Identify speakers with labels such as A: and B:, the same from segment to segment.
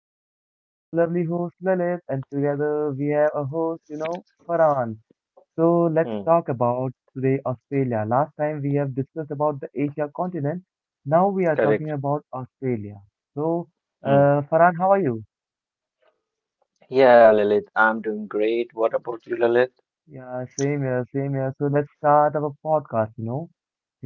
A: us, and I'm a lovely host, Lalit, and together we have a host, Farhan. So, let's talk
B: Mm,
A: about today Australia. Last time we have discussed about the Asia continent, now we are talking
B: correct.
A: about Australia. So,
B: Mm.
A: Farhan, how are you?
B: Yeah, Lilith, I'm doing great. What about you, Lilith?
A: Yeah, same here, same here. So let's start our podcast.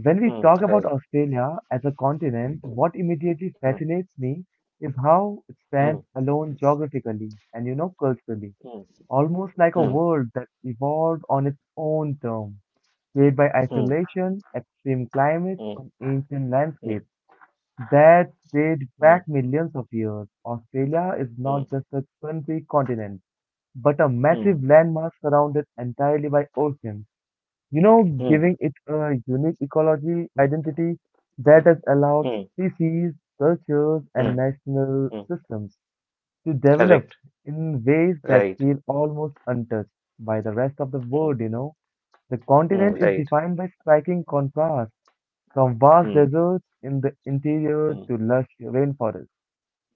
A: When we
B: Mm,
A: talk about
B: correct.
A: Australia as a continent, what immediately
B: Mm,
A: fascinates me is how it
B: mm,
A: stands alone geographically and culturally,
B: mm,
A: almost like a
B: mm,
A: world that evolved on its own terms, shaped by
B: mm, mm,
A: isolation, extreme climates, and ancient
B: mm,
A: landscapes that date
B: mm,
A: back millions of years. Australia is
B: mm,
A: not just a country continent, but a
B: mm,
A: massive landmass surrounded entirely by oceans
B: mm,
A: giving it a unique ecology identity that has allowed
B: mm,
A: species, cultures, and
B: mm,
A: national
B: mm.
A: systems to develop
B: Correct.
A: in ways that
B: Right.
A: feel almost untouched by the rest of the world,
B: Mm,
A: you know. The continent
B: mm,
A: is
B: right.
A: defined by striking contrasts from vast
B: Mm,
A: deserts in the interior
B: mm,
A: to lush rainforests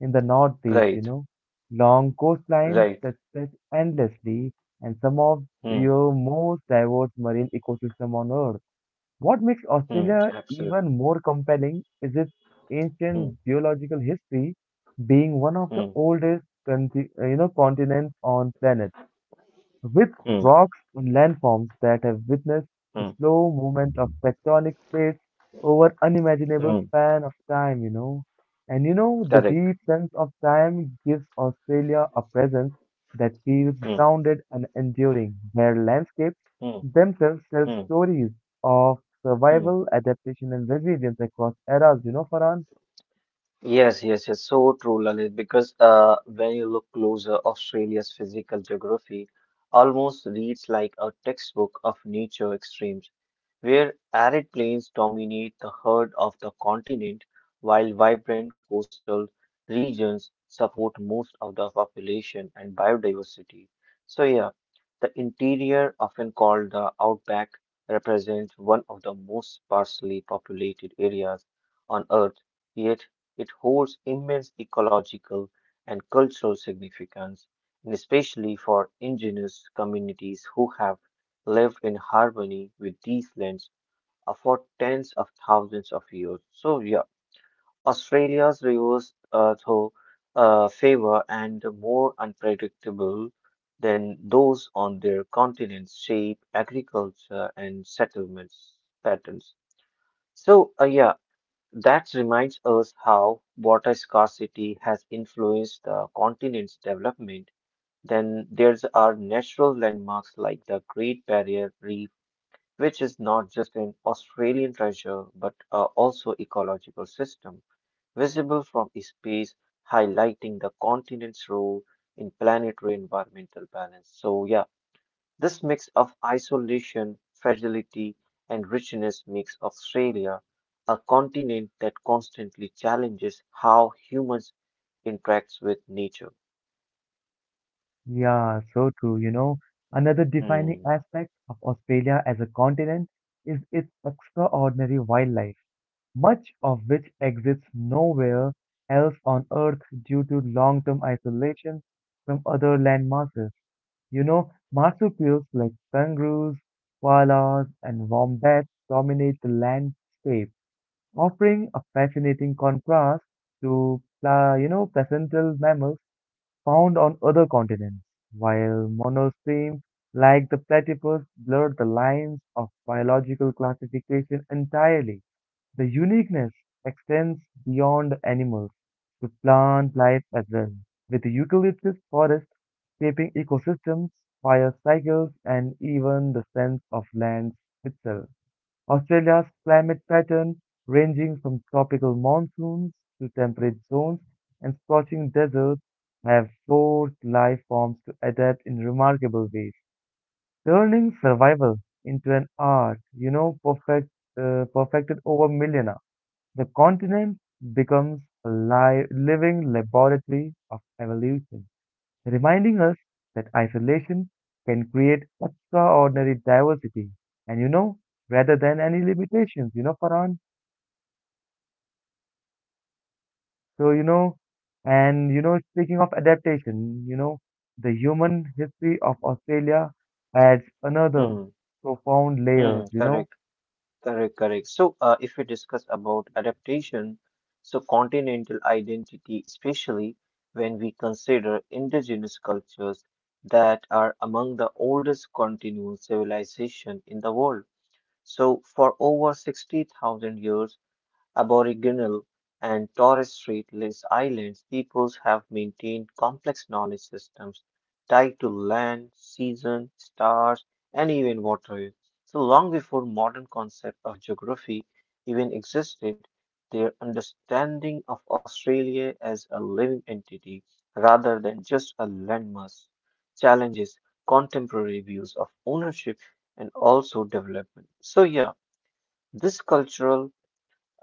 A: in the northeast,
B: right.
A: you know, long
B: Right.
A: coastlines that stretch endlessly, and some of
B: Mm,
A: your most diverse marine ecosystem on Earth. What makes
B: mm,
A: Australia
B: absolutely.
A: even more compelling is its
B: Mm,
A: ancient geological history, being one of the
B: mm,
A: oldest continents on planet with
B: mm,
A: rocks and landforms that have witnessed the
B: mm,
A: slow movement of tectonic plates over unimaginable
B: mm.
A: span of time. And the
B: Correct.
A: deep sense of time gives Australia a presence that feels
B: Mm,
A: grounded and enduring, where landscapes
B: mm,
A: themselves tell stories of
B: mm,
A: survival, adaptation, and resilience across eras, Farhan.
B: yes, yes, yes. So true, Lalit. Because when you look closer, Australia's physical geography almost reads like a textbook of nature extremes, where arid plains dominate the heart of the continent, while vibrant coastal regions support most of the population and biodiversity. So, yeah, the interior, often called the outback, represents one of the most sparsely populated areas on Earth, yet it holds immense ecological and cultural significance, and especially for indigenous communities who have lived in harmony with these lands for tens of thousands of years. So, yeah, Australia's rivers, though, favor and more unpredictable than those on their continent's shape, agriculture, and settlements patterns. So, yeah, that reminds us how water scarcity has influenced the continent's development. Then there's our natural landmarks like the Great Barrier Reef, which is not just an Australian treasure but also ecological system visible from space, highlighting the continent's role in planetary environmental balance. So yeah, this mix of isolation, fragility, and richness makes Australia a continent that constantly challenges how humans interacts with nature.
A: Yeah, so true. Another defining
B: Hmm.
A: aspect of Australia as a continent is its extraordinary wildlife, much of which exists nowhere else on Earth due to long-term isolation from other land masses. Marsupials like kangaroos, koalas, and wombats dominate the landscape, offering a fascinating contrast to placental mammals found on other continents, while monostremes like the platypus blur the lines of biological classification entirely. The uniqueness extends beyond animals to plant life as well, with eucalyptus forests shaping ecosystems, fire cycles, and even the sense of land itself. Australia's climate pattern, ranging from tropical monsoons to temperate zones and scorching deserts, have forced life forms to adapt in remarkable ways, turning survival into an art, perfected over millennia. The continent becomes a living laboratory of evolution reminding us that isolation can create extraordinary diversity and, rather than any limitations, Farhan. So you know and you know speaking of adaptation, the human history of Australia adds another
B: Hmm.
A: profound
B: Hmm. Hmm,
A: layer.
B: correct. Correct, correct. So, if we discuss about adaptation, so continental identity, especially when we consider indigenous cultures that are among the oldest continuous civilization in the world. So, for over 60,000 years, Aboriginal and Torres Strait Islands peoples have maintained complex knowledge systems tied to land, season, stars, and even water. So long before modern concept of geography even existed, their understanding of Australia as a living entity rather than just a landmass challenges contemporary views of ownership and also development. So yeah, this cultural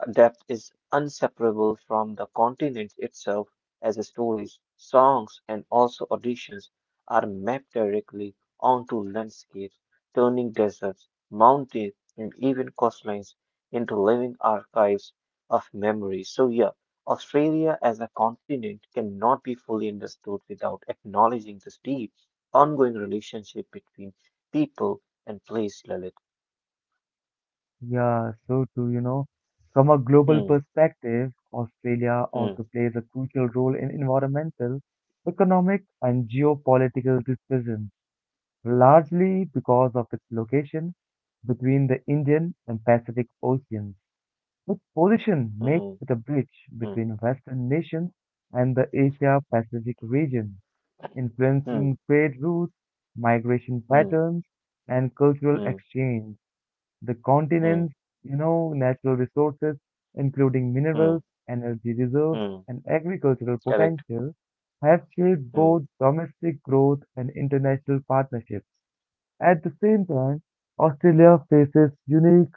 B: depth is inseparable from the continent itself, as stories, songs, and also auditions are mapped directly onto landscapes, turning deserts, mountains, and even coastlines into living archives of memory. So, yeah, Australia as a continent cannot be fully understood without acknowledging this deep, ongoing relationship between people and place, Lalit.
A: Yeah, so too. From a global
B: Hmm,
A: perspective, Australia
B: hmm,
A: also plays a crucial role in environmental economic and geopolitical decisions largely because of its location between the Indian and Pacific Oceans. Its position makes
B: hmm,
A: it a bridge
B: hmm,
A: between Western nations and the Asia Pacific region,
B: hmm, hmm,
A: influencing trade routes, migration
B: hmm.
A: patterns, and cultural
B: Hmm.
A: exchange. The
B: Mm,
A: continent's natural resources, including minerals,
B: mm,
A: energy reserves,
B: mm.
A: and agricultural
B: Correct.
A: potential, have shaped
B: Mm,
A: both domestic growth and international partnerships. At the same time, Australia faces unique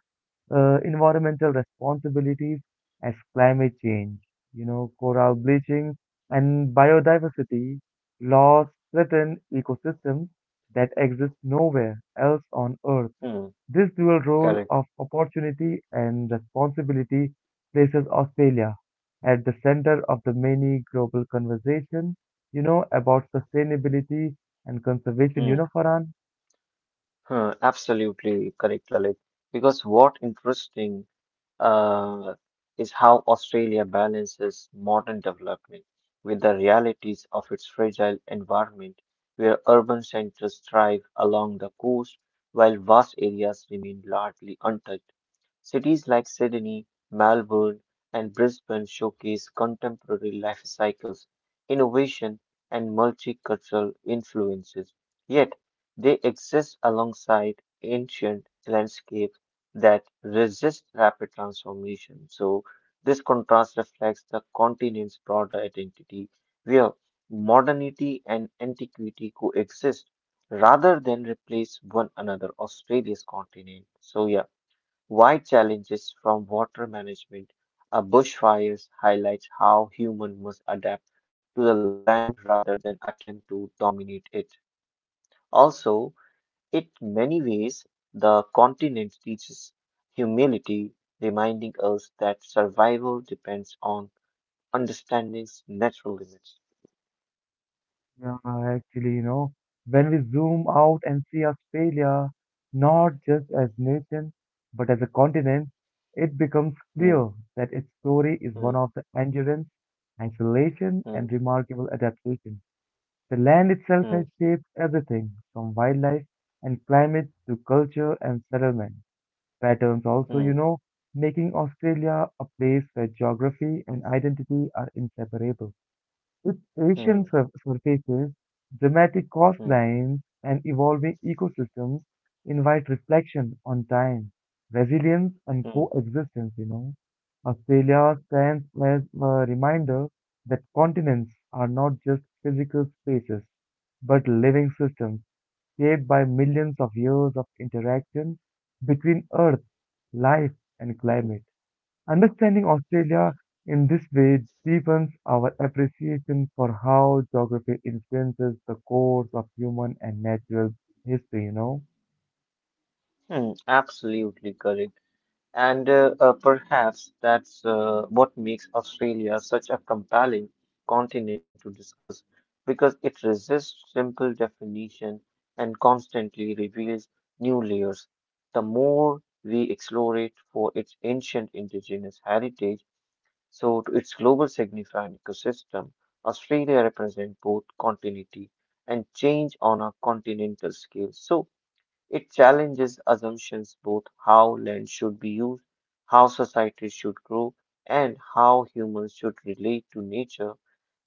A: environmental responsibilities as climate change, coral bleaching and biodiversity loss threaten ecosystems that exist nowhere else on Earth.
B: mm,
A: This dual role
B: correct.
A: of opportunity and responsibility places Australia at the center of the many global conversations, about sustainability and conservation, you
B: Mm,
A: know, Farhan.
B: huh, absolutely correct, Lalit. Because what interesting uh, is how Australia balances modern development with the realities of its fragile environment, where urban centers thrive along the coast while vast areas remain largely untouched. Cities like Sydney, Melbourne, and Brisbane showcase contemporary life cycles, innovation, and multicultural influences. Yet, they exist alongside ancient landscapes that resist rapid transformation. So, this contrast reflects the continent's broader identity, where modernity and antiquity coexist rather than replace one another. Australia's continent. So, yeah. Wide challenges from water management a bushfires highlights how humans must adapt to the land rather than attempt to dominate it. Also, in many ways, the continent teaches humility, reminding us that survival depends on understanding natural limits.
A: Yeah, actually, when we zoom out and see Australia, not just as nation, but as a continent, it becomes clear
B: Hmm,
A: that its story is one
B: hmm,
A: of the endurance, isolation, and
B: hmm,
A: remarkable adaptation. The land itself
B: hmm,
A: has shaped everything from wildlife and climate to culture and settlement patterns also, you
B: hmm,
A: know, making Australia a place where geography and identity are inseparable. With Asian
B: hmm,
A: surfaces, dramatic
B: hmm,
A: coastlines, and evolving ecosystems invite reflection on time, resilience, and
B: hmm,
A: coexistence. Australia stands as a reminder that continents are not just physical spaces, but living systems shaped by millions of years of interaction between Earth, life, and
B: hmm.
A: climate. Understanding Australia in this way deepens our appreciation for how geography influences the course of human and natural history.
B: Hmm, absolutely correct. And perhaps that's what makes Australia such a compelling continent to discuss, because it resists simple definition and constantly reveals new layers. The more we explore it for its ancient indigenous heritage, so to its global significant ecosystem, Australia represents both continuity and change on a continental scale. So, it challenges assumptions both how land should be used, how societies should grow, and how humans should relate to nature.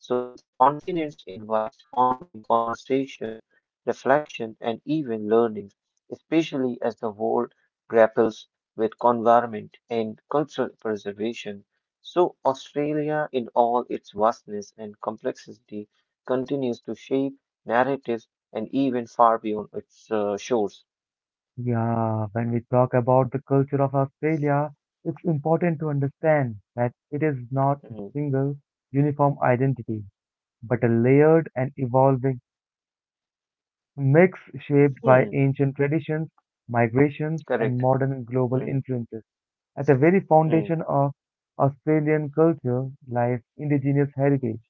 B: So the continents invites ongoing conversation, reflection, and even learning, especially as the world grapples with environment and cultural preservation. So Australia, in all its vastness and complexity, continues to shape narratives and even far beyond its shores.
A: Yeah, when we talk about the culture of Australia, it's important to understand that it is not a
B: hmm,
A: single uniform identity, but a layered and evolving mix shaped
B: hmm,
A: by ancient traditions, migrations, and
B: correct.
A: modern global
B: hmm,
A: influences. At the very
B: hmm,
A: foundation of Australian culture lies indigenous heritage,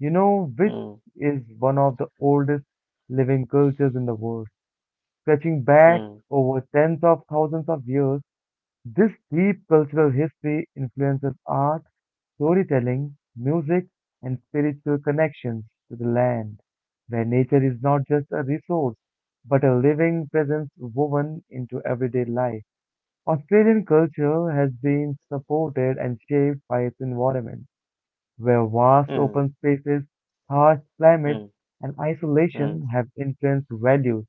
A: you know, which
B: hmm,
A: is one of the oldest living cultures in the world. Stretching back
B: hmm,
A: over tens of thousands of years, this deep cultural history influences art, storytelling, music, and spiritual connections to the land, where nature is not just a resource, but a living presence woven into everyday life. Australian culture has been supported and shaped by its environment, where vast open
B: hmm,
A: spaces, harsh climates,
B: hmm,
A: and isolation
B: hmm,
A: have influenced values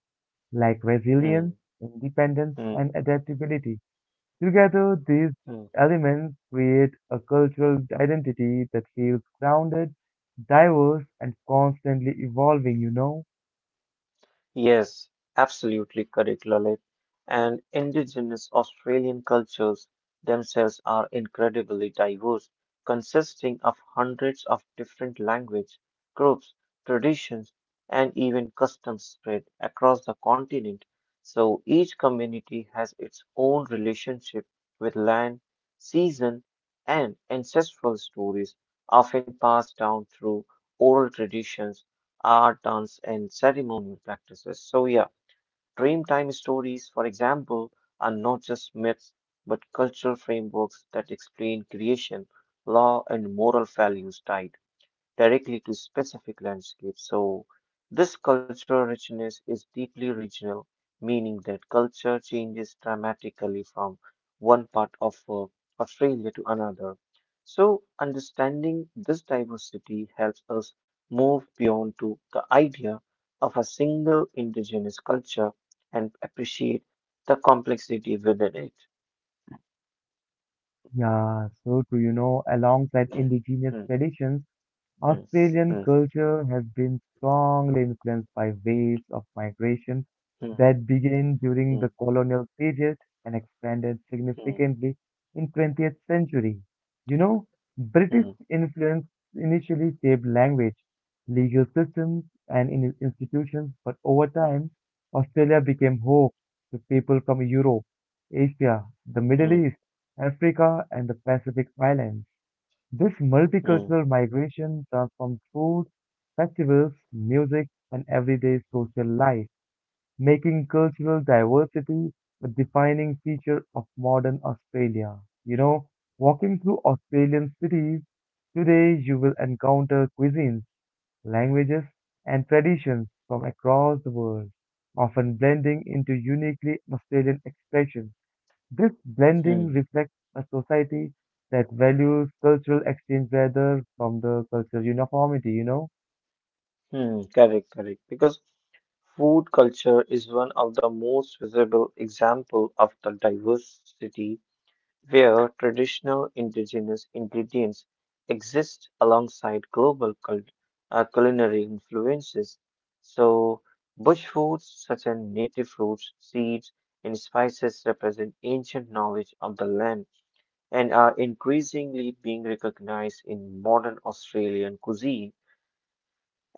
A: like resilience,
B: hmm,
A: independence,
B: hmm,
A: and adaptability. Together, these
B: hmm.
A: elements create a cultural identity that feels grounded, diverse, and constantly evolving?
B: Yes, absolutely correct, Lalit. And Indigenous Australian cultures themselves are incredibly diverse, consisting of hundreds of different language, groups, traditions, and even customs spread across the continent. So each community has its own relationship with land, season, and ancestral stories, often passed down through oral traditions art, dance, and ceremonial practices. So, yeah, Dreamtime stories, for example, are not just myths but cultural frameworks that explain creation, law, and moral values tied directly to specific landscapes. So, this cultural richness is deeply regional, meaning that culture changes dramatically from one part of Australia to another. So, understanding this diversity helps us move beyond to the idea of a single indigenous culture and appreciate the complexity within it.
A: Yeah, so too, alongside indigenous traditions Australian
B: Mm,
A: culture has been strongly influenced by waves of migration
B: mm,
A: that began during
B: mm,
A: the colonial period and expanded
B: mm, mm,
A: significantly in 20th century. You know,
B: mm,
A: British
B: mm,
A: influence initially shaped language, legal systems, and in institutions, but over time, Australia became home to people from Europe, Asia, the Middle
B: mm,
A: East, Africa, and the Pacific Islands. This
B: mm,
A: multicultural migration transformed food, festivals, music, and everyday social life, making cultural diversity a defining feature of modern Australia. You know, walking through Australian cities today, you will encounter cuisines, languages, and traditions from across the world, often blending into uniquely Australian expressions. This blending
B: mm.
A: reflects a society that values cultural exchange rather from the cultural uniformity?
B: Hmm, correct, correct. Because food culture is one of the most visible example of the diversity where traditional indigenous ingredients exist alongside global culinary influences. So, bush foods such as native fruits, seeds, and spices represent ancient knowledge of the land and are increasingly being recognized in modern Australian cuisine.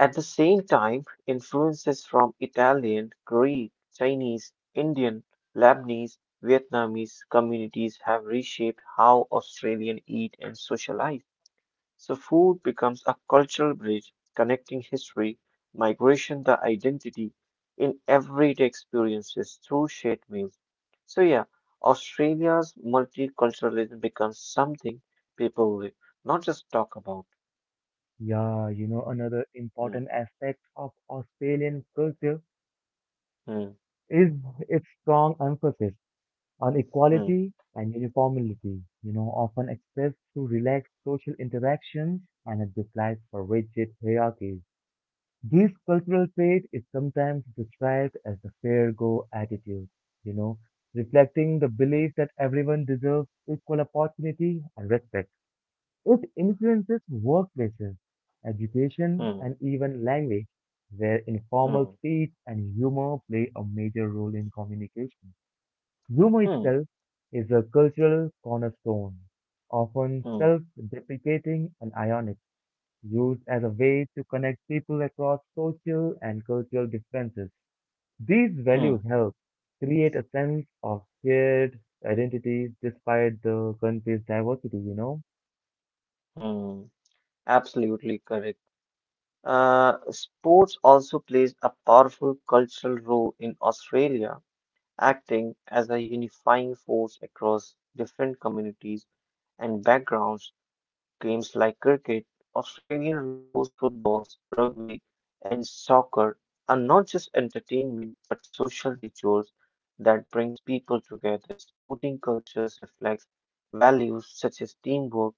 B: At the same time, influences from Italian, Greek, Chinese, Indian, Lebanese, Vietnamese communities have reshaped how Australians eat and socialize. So food becomes a cultural bridge connecting history, migration, the identity in everyday experiences through shared meals. So yeah, Australia's multiculturalism becomes something people live, not just talk about.
A: Yeah, another
B: Hmm,
A: important aspect of Australian culture
B: hmm,
A: is its strong emphasis on
B: hmm,
A: equality and uniformity, often expressed through relaxed social interactions and a dislike for rigid hierarchies. This cultural trait is sometimes described as the fair go attitude, you know, reflecting the belief that everyone deserves equal opportunity and respect. It influences workplaces, education,
B: hmm,
A: and even language, where
B: hmm,
A: informal speech and humor play a major role in communication. Humor
B: hmm.
A: itself is a cultural cornerstone, often
B: Hmm,
A: self deprecating and ironic used as a way to connect people across social and cultural differences. These
B: hmm,
A: values help create a sense of shared identity despite the country's diversity.
B: hmm. Absolutely correct. Sports also plays a powerful cultural role in Australia, acting as a unifying force across different communities and backgrounds. Games like cricket, Australian rules footballs, rugby, and soccer are not just entertainment but social rituals that brings people together. Sporting cultures reflect values such as teamwork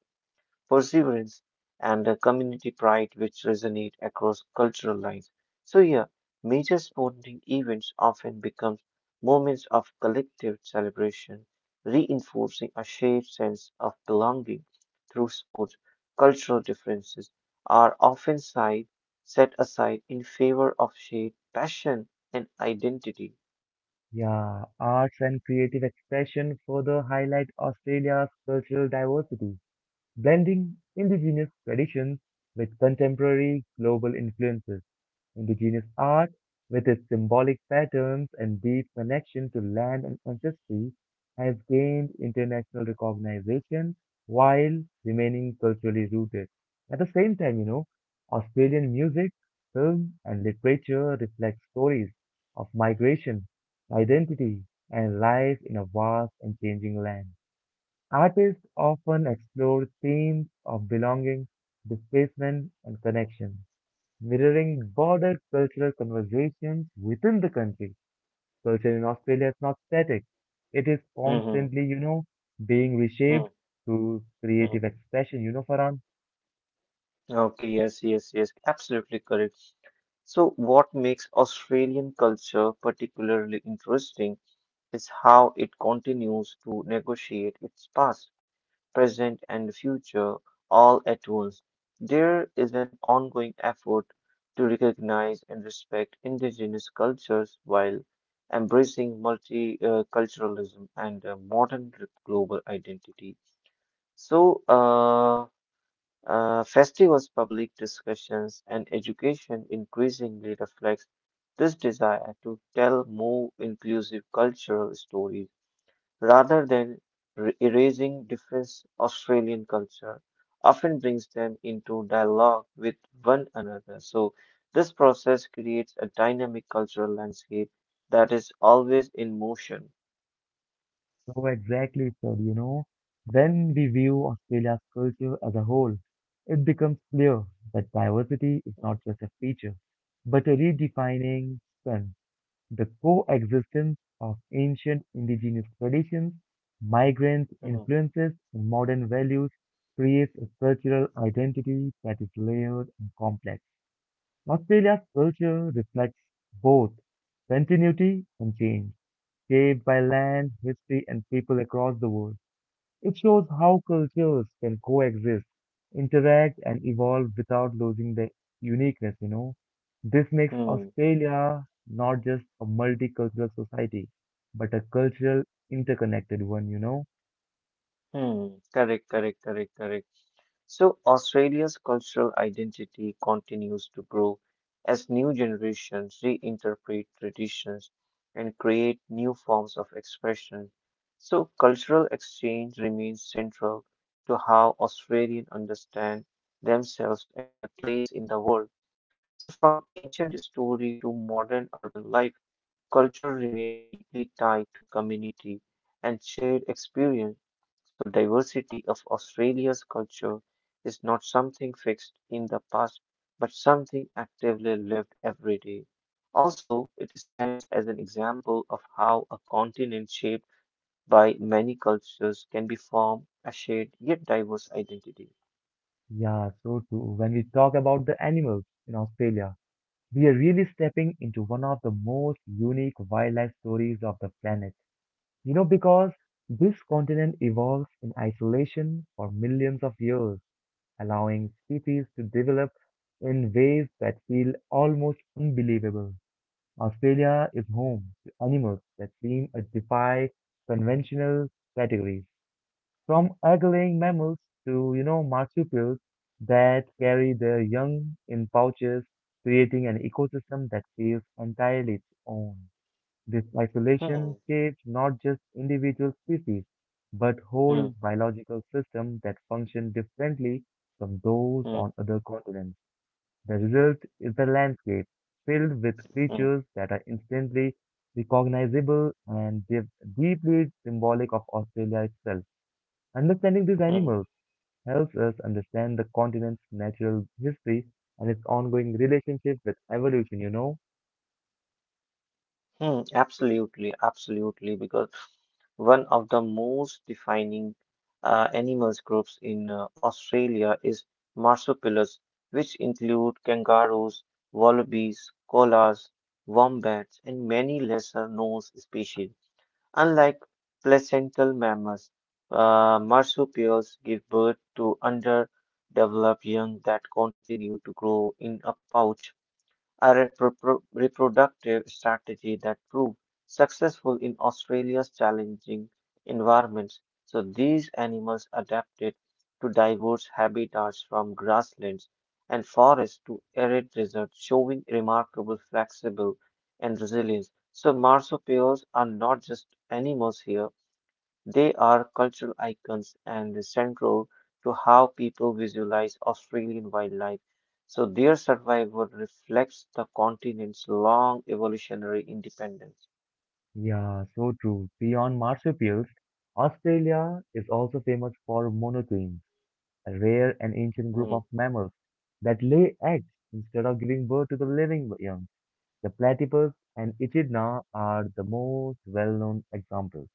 B: perseverance, and a community pride which resonate across cultural lines. So yeah, major sporting events often become moments of collective celebration, reinforcing a shared sense of belonging through sports. Cultural differences are often set aside in favor of shared passion and identity.
A: Yeah, arts and creative expression further highlight Australia's cultural diversity, blending indigenous traditions with contemporary global influences. Indigenous art, with its symbolic patterns and deep connection to land and ancestry, has gained international recognition while remaining culturally rooted. At the same time, Australian music, film, and literature reflect stories of migration, identity, and life in a vast and changing land. Artists often explore themes of belonging, displacement, and connection mirroring broader cultural conversations within the country. Culture in Australia is not static, it is
B: Mhm,
A: constantly, being
B: mhm,
A: reshaped through
B: mhm.
A: creative expression. Farhan,
B: Okay, yes, yes, yes, absolutely correct. So, what makes Australian culture particularly interesting is how it continues to negotiate its past, present, and future all at once. There is an ongoing effort to recognize and respect indigenous cultures while embracing multiculturalism and a modern global identity. So, festivals, public discussions, and education increasingly reflects this desire to tell more inclusive cultural stories rather than erasing difference. Australian culture often brings them into dialogue with one another. So this process creates a dynamic cultural landscape that is always in motion.
A: so exactly, sir, when we view Australia's culture as a whole, it becomes clear that diversity is
B: Hmm,
A: not just a feature, but a redefining strength. The coexistence of ancient indigenous traditions, migrant
B: hmm,
A: influences, and modern values creates a cultural identity that is layered and complex. Australia's culture reflects both continuity and change, shaped by land, history, and people across the world. It shows how cultures can coexist, interact, and evolve without losing their uniqueness. This makes
B: hmm,
A: Australia not just a multicultural society, but a cultural interconnected one.
B: hmm. Correct, correct, correct, correct. So, Australia's cultural identity continues to grow as new generations reinterpret traditions and create new forms of expression. So, cultural exchange remains central to how Australians understand themselves and their place in the world. So, from ancient story to modern urban life. Culture remains deeply tied to community and shared experience, so diversity of Australia's culture is not something fixed in the past, but something actively lived every day. Also, it stands as an example of how a continent shaped by many cultures can be form a shared yet diverse identity.
A: Yeah, so too. When we talk about the animals in Australia, we are really stepping into one of the most unique wildlife stories of the planet. Because this continent evolves in isolation for millions of years allowing cities to develop in ways that feel almost unbelievable. Australia is home to animals that seem to defy conventional categories, from egg-laying mammals to marsupials that carry their young in pouches, creating an ecosystem that feels entirely its own. This isolation
B: Hmm,
A: shapes not just individual species, but whole
B: hmm,
A: biological systems that function differently from those
B: hmm,
A: on other continents. The result is a landscape filled with
B: hmm,
A: creatures that are instantly recognizable and deeply symbolic of Australia itself. Understanding these
B: hmm,
A: animals helps us understand the continent's natural history and its ongoing relationship with evolution.
B: hmm. Absolutely, absolutely, because one of the most defining animals groups in Australia is marsupials, which include kangaroos, wallabies, koalas, wombats, and many lesser known species. Unlike placental mammals, marsupials give birth to underdeveloped young that continue to grow in a pouch a reproductive strategy that proved successful in Australia's challenging environments. So these animals adapted to diverse habitats from grasslands and forests to arid deserts, showing remarkable flexible and resilience. So marsupials are not just animals here, they are cultural icons and central to how people visualize Australian wildlife, so their survival reflects the continent's long evolutionary independence.
A: Yeah, so true. Beyond marsupials, Australia is also famous for monotenes, a rare and ancient group
B: Hmm,
A: of mammals that lay eggs instead of giving birth to the living young. The platypus and echidna are the most well-known examples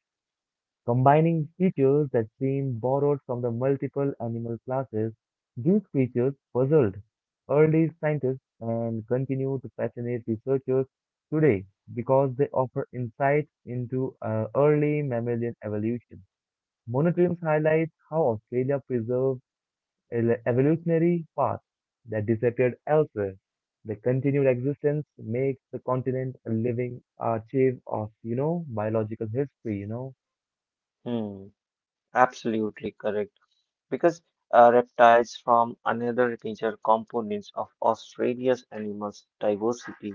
A: combining features that seem borrowed from the multiple animal classes. These features puzzled early scientists and continue to fascinate researchers today because they offer insights into early mammalian evolution. Monotremes highlights how Australia preserved evolutionary paths that disappeared elsewhere. The continued existence makes the continent a living archive of biological history.
B: hmm, absolutely correct. Because reptiles from another major components of Australia's animal diversity,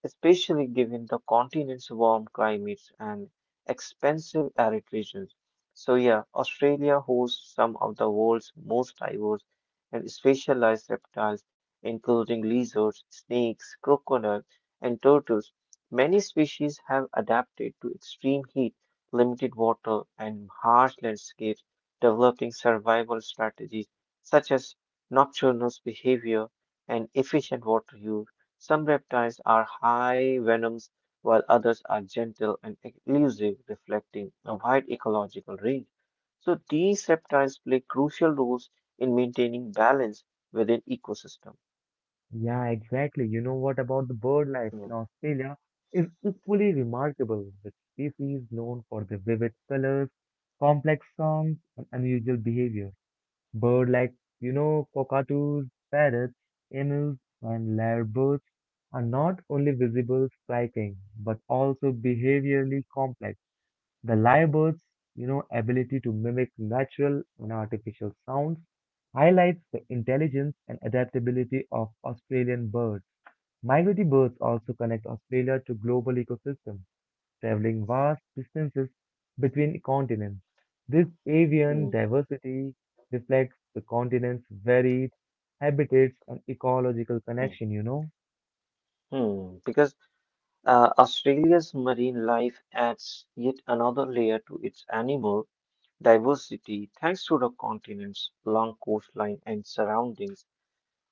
B: especially given the continent's warm climates and expensive arid regions. So yeah, Australia hosts some of the world's most diverse and specialized reptiles, including lizards, snakes, crocodiles, and turtles. Many species have adapted to extreme heat, limited water, and harsh landscapes developing survival strategies such as nocturnal behavior and efficient water use. Some reptiles are high venoms, while others are gentle and elusive, reflecting a wide ecological range. So these reptiles play crucial roles in maintaining balance within ecosystem.
A: Yeah, exactly. What about the bird life
B: Hmm,
A: in Australia is equally remarkable, with species known for their vivid colors, complex songs, and unusual behavior. Bird like cockatoos, parrots, emus, and lyrebirds are not only visible, striking, but also behaviorally complex. The lyrebirds, ability to mimic natural and artificial sounds highlights the intelligence and adaptability of Australian birds. Migratory birds also connect Australia to global ecosystems, traveling vast distances between continents. This avian
B: hmm,
A: diversity reflects the continent's varied habitats and ecological
B: hmm,
A: connection.
B: hmm. Because Australia's marine life adds yet another layer to its animal diversity, thanks to the continents, long coastline and surroundings,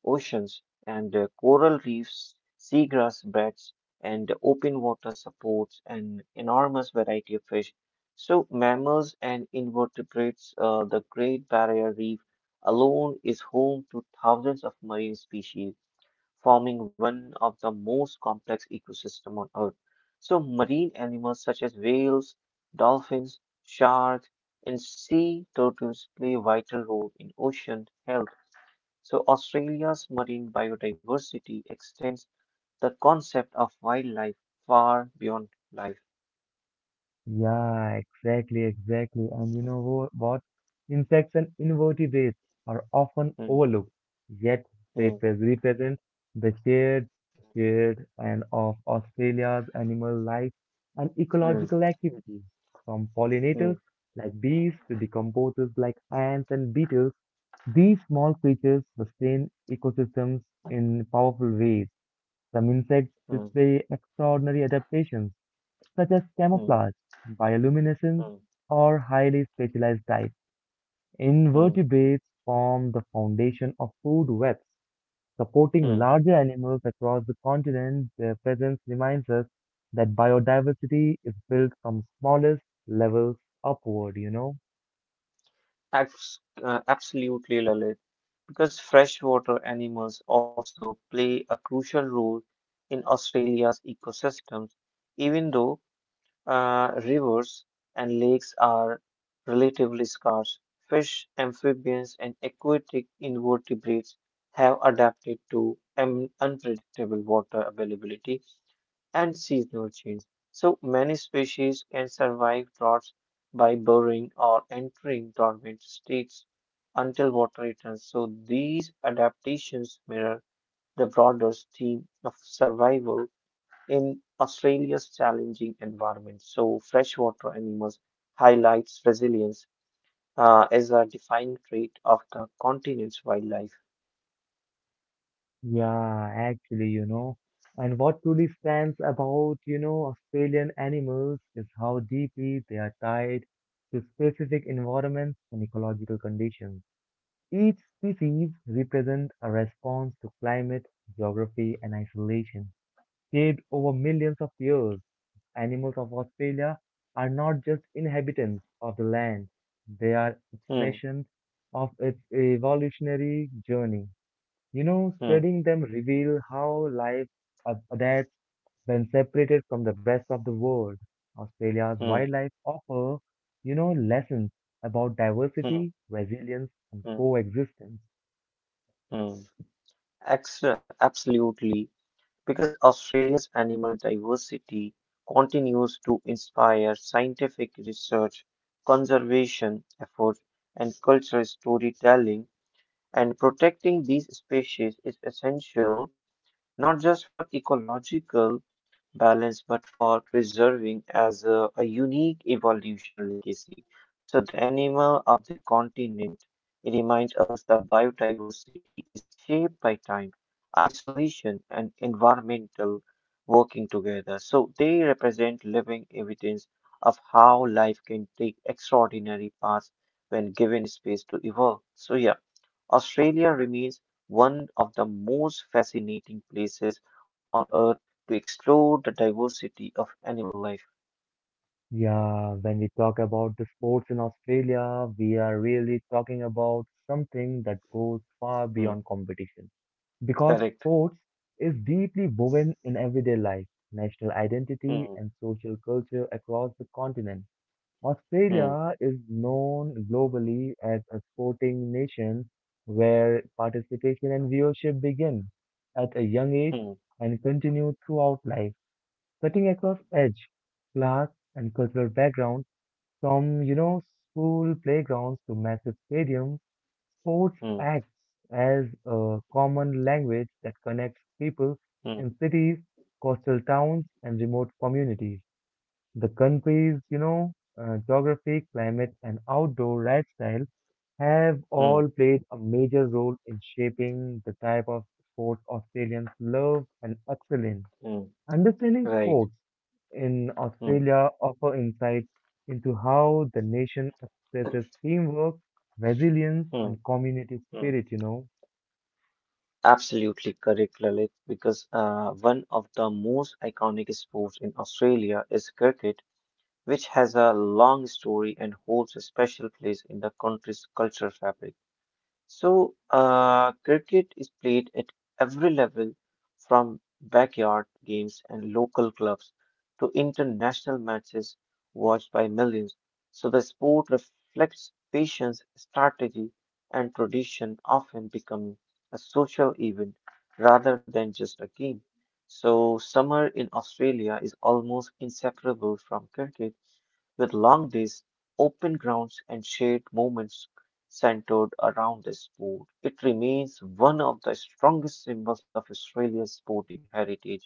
B: oceans and coral reefs, seagrass beds, and open water supports an enormous variety of fish. So, mammals and invertebrates, the Great Barrier Reef alone is home to thousands of marine species forming one of the most complex ecosystems on Earth. So, marine animals such as whales, dolphins, sharks, and sea turtles play a vital role in ocean health. So, Australia's marine biodiversity extends the concept of wildlife far beyond life.
A: Yeah, exactly. And what? Insects and invertebrates are often
B: Hmm,
A: overlooked, yet they
B: hmm,
A: pres- represent the shared and of Australia's animal life and
B: hmm,
A: ecological activity, from
B: hmm,
A: pollinators like bees to decomposers like ants and beetles. These small creatures sustain ecosystems in powerful ways. Some insects
B: hmm,
A: display extraordinary adaptations such as
B: hmm, hmm,
A: camouflage,
B: hmm,
A: bioluminescence, or highly specialized diets.
B: hmm,
A: Invertebrates form the foundation of food webs, supporting
B: hmm.
A: larger animals across the continent. Their presence reminds us that biodiversity is built from smallest levels upward?
B: Absolutely, Lalit. Because freshwater animals also play a crucial role in Australia's ecosystems, even though rivers and lakes are relatively scarce. Fish, amphibians, and aquatic invertebrates have adapted to unpredictable water availability and seasonal change. So many species can survive droughts by burrowing or entering dormant states until water returns. So these adaptations mirror the broader theme of survival in Australia's challenging environment. So freshwater animals highlights resilience as a defining trait of the continent's wildlife.
A: Yeah, actually. And what truly stands about, Australian animals is how deeply they are tied to specific environments and ecological conditions. Each species represents a response to climate, geography, and isolation. Shaped over millions of years, animals of Australia are not just inhabitants of the land, they are
B: Hmm,
A: expressions of its evolutionary journey. You know,
B: hmm,
A: studying them reveal how life adapts when separated from the rest of the world. Australia's
B: hmm,
A: wildlife offer, lessons about
B: hmm,
A: diversity, resilience, and
B: hmm,
A: coexistence.
B: hmm. Absolutely. Because Australia's animal diversity continues to inspire scientific research, conservation efforts, and cultural storytelling, and protecting these species is essential not just for ecological balance but for preserving as a unique evolution legacy. So, the animal of the continent reminds us that biodiversity is shaped by time, isolation, and environmental working together. So, they represent living evidence of how life can take extraordinary paths when given space to evolve. So, yeah. Australia remains one of the most fascinating places on earth to explore the diversity of animal life.
A: Yeah, when we talk about the sports in Australia, we are really talking about something that goes far
B: Hmm,
A: beyond competition. Because
B: correct.
A: sports is deeply woven in everyday life, national
B: Hmm,
A: identity, and social culture across the continent.
B: hmm,
A: Australia is known globally as a sporting nation where participation and viewership begin at a young age
B: hmm,
A: and continue throughout life, cutting across age, class, and cultural background. From, school playgrounds to massive stadiums, sports
B: hmm,
A: acts as a common language that connects people
B: hmm,
A: in cities, coastal towns, and remote communities. The country's, geography, climate, and outdoor lifestyle have
B: hmm,
A: all played a major role in shaping the type of sports Australians love and excel in.
B: hmm,
A: Understanding
B: right.
A: folks in
B: Hmm,
A: Australia offer insight into how the nation expresses teamwork, resilience,
B: hmm,
A: and community
B: hmm.
A: spirit.
B: Absolutely correct, Lalit, because one of the most iconic sports in Australia is cricket, which has a long story and holds a special place in the country's cultural fabric. So, cricket is played at every level from backyard games and local clubs to international matches watched by millions. So, the sport reflects patience, strategy, and tradition, often becoming a social event rather than just a game. So, summer in Australia is almost inseparable from cricket with long days, open grounds, and shared moments centered around the sport. It remains one of the strongest symbols of Australia's sporting heritage.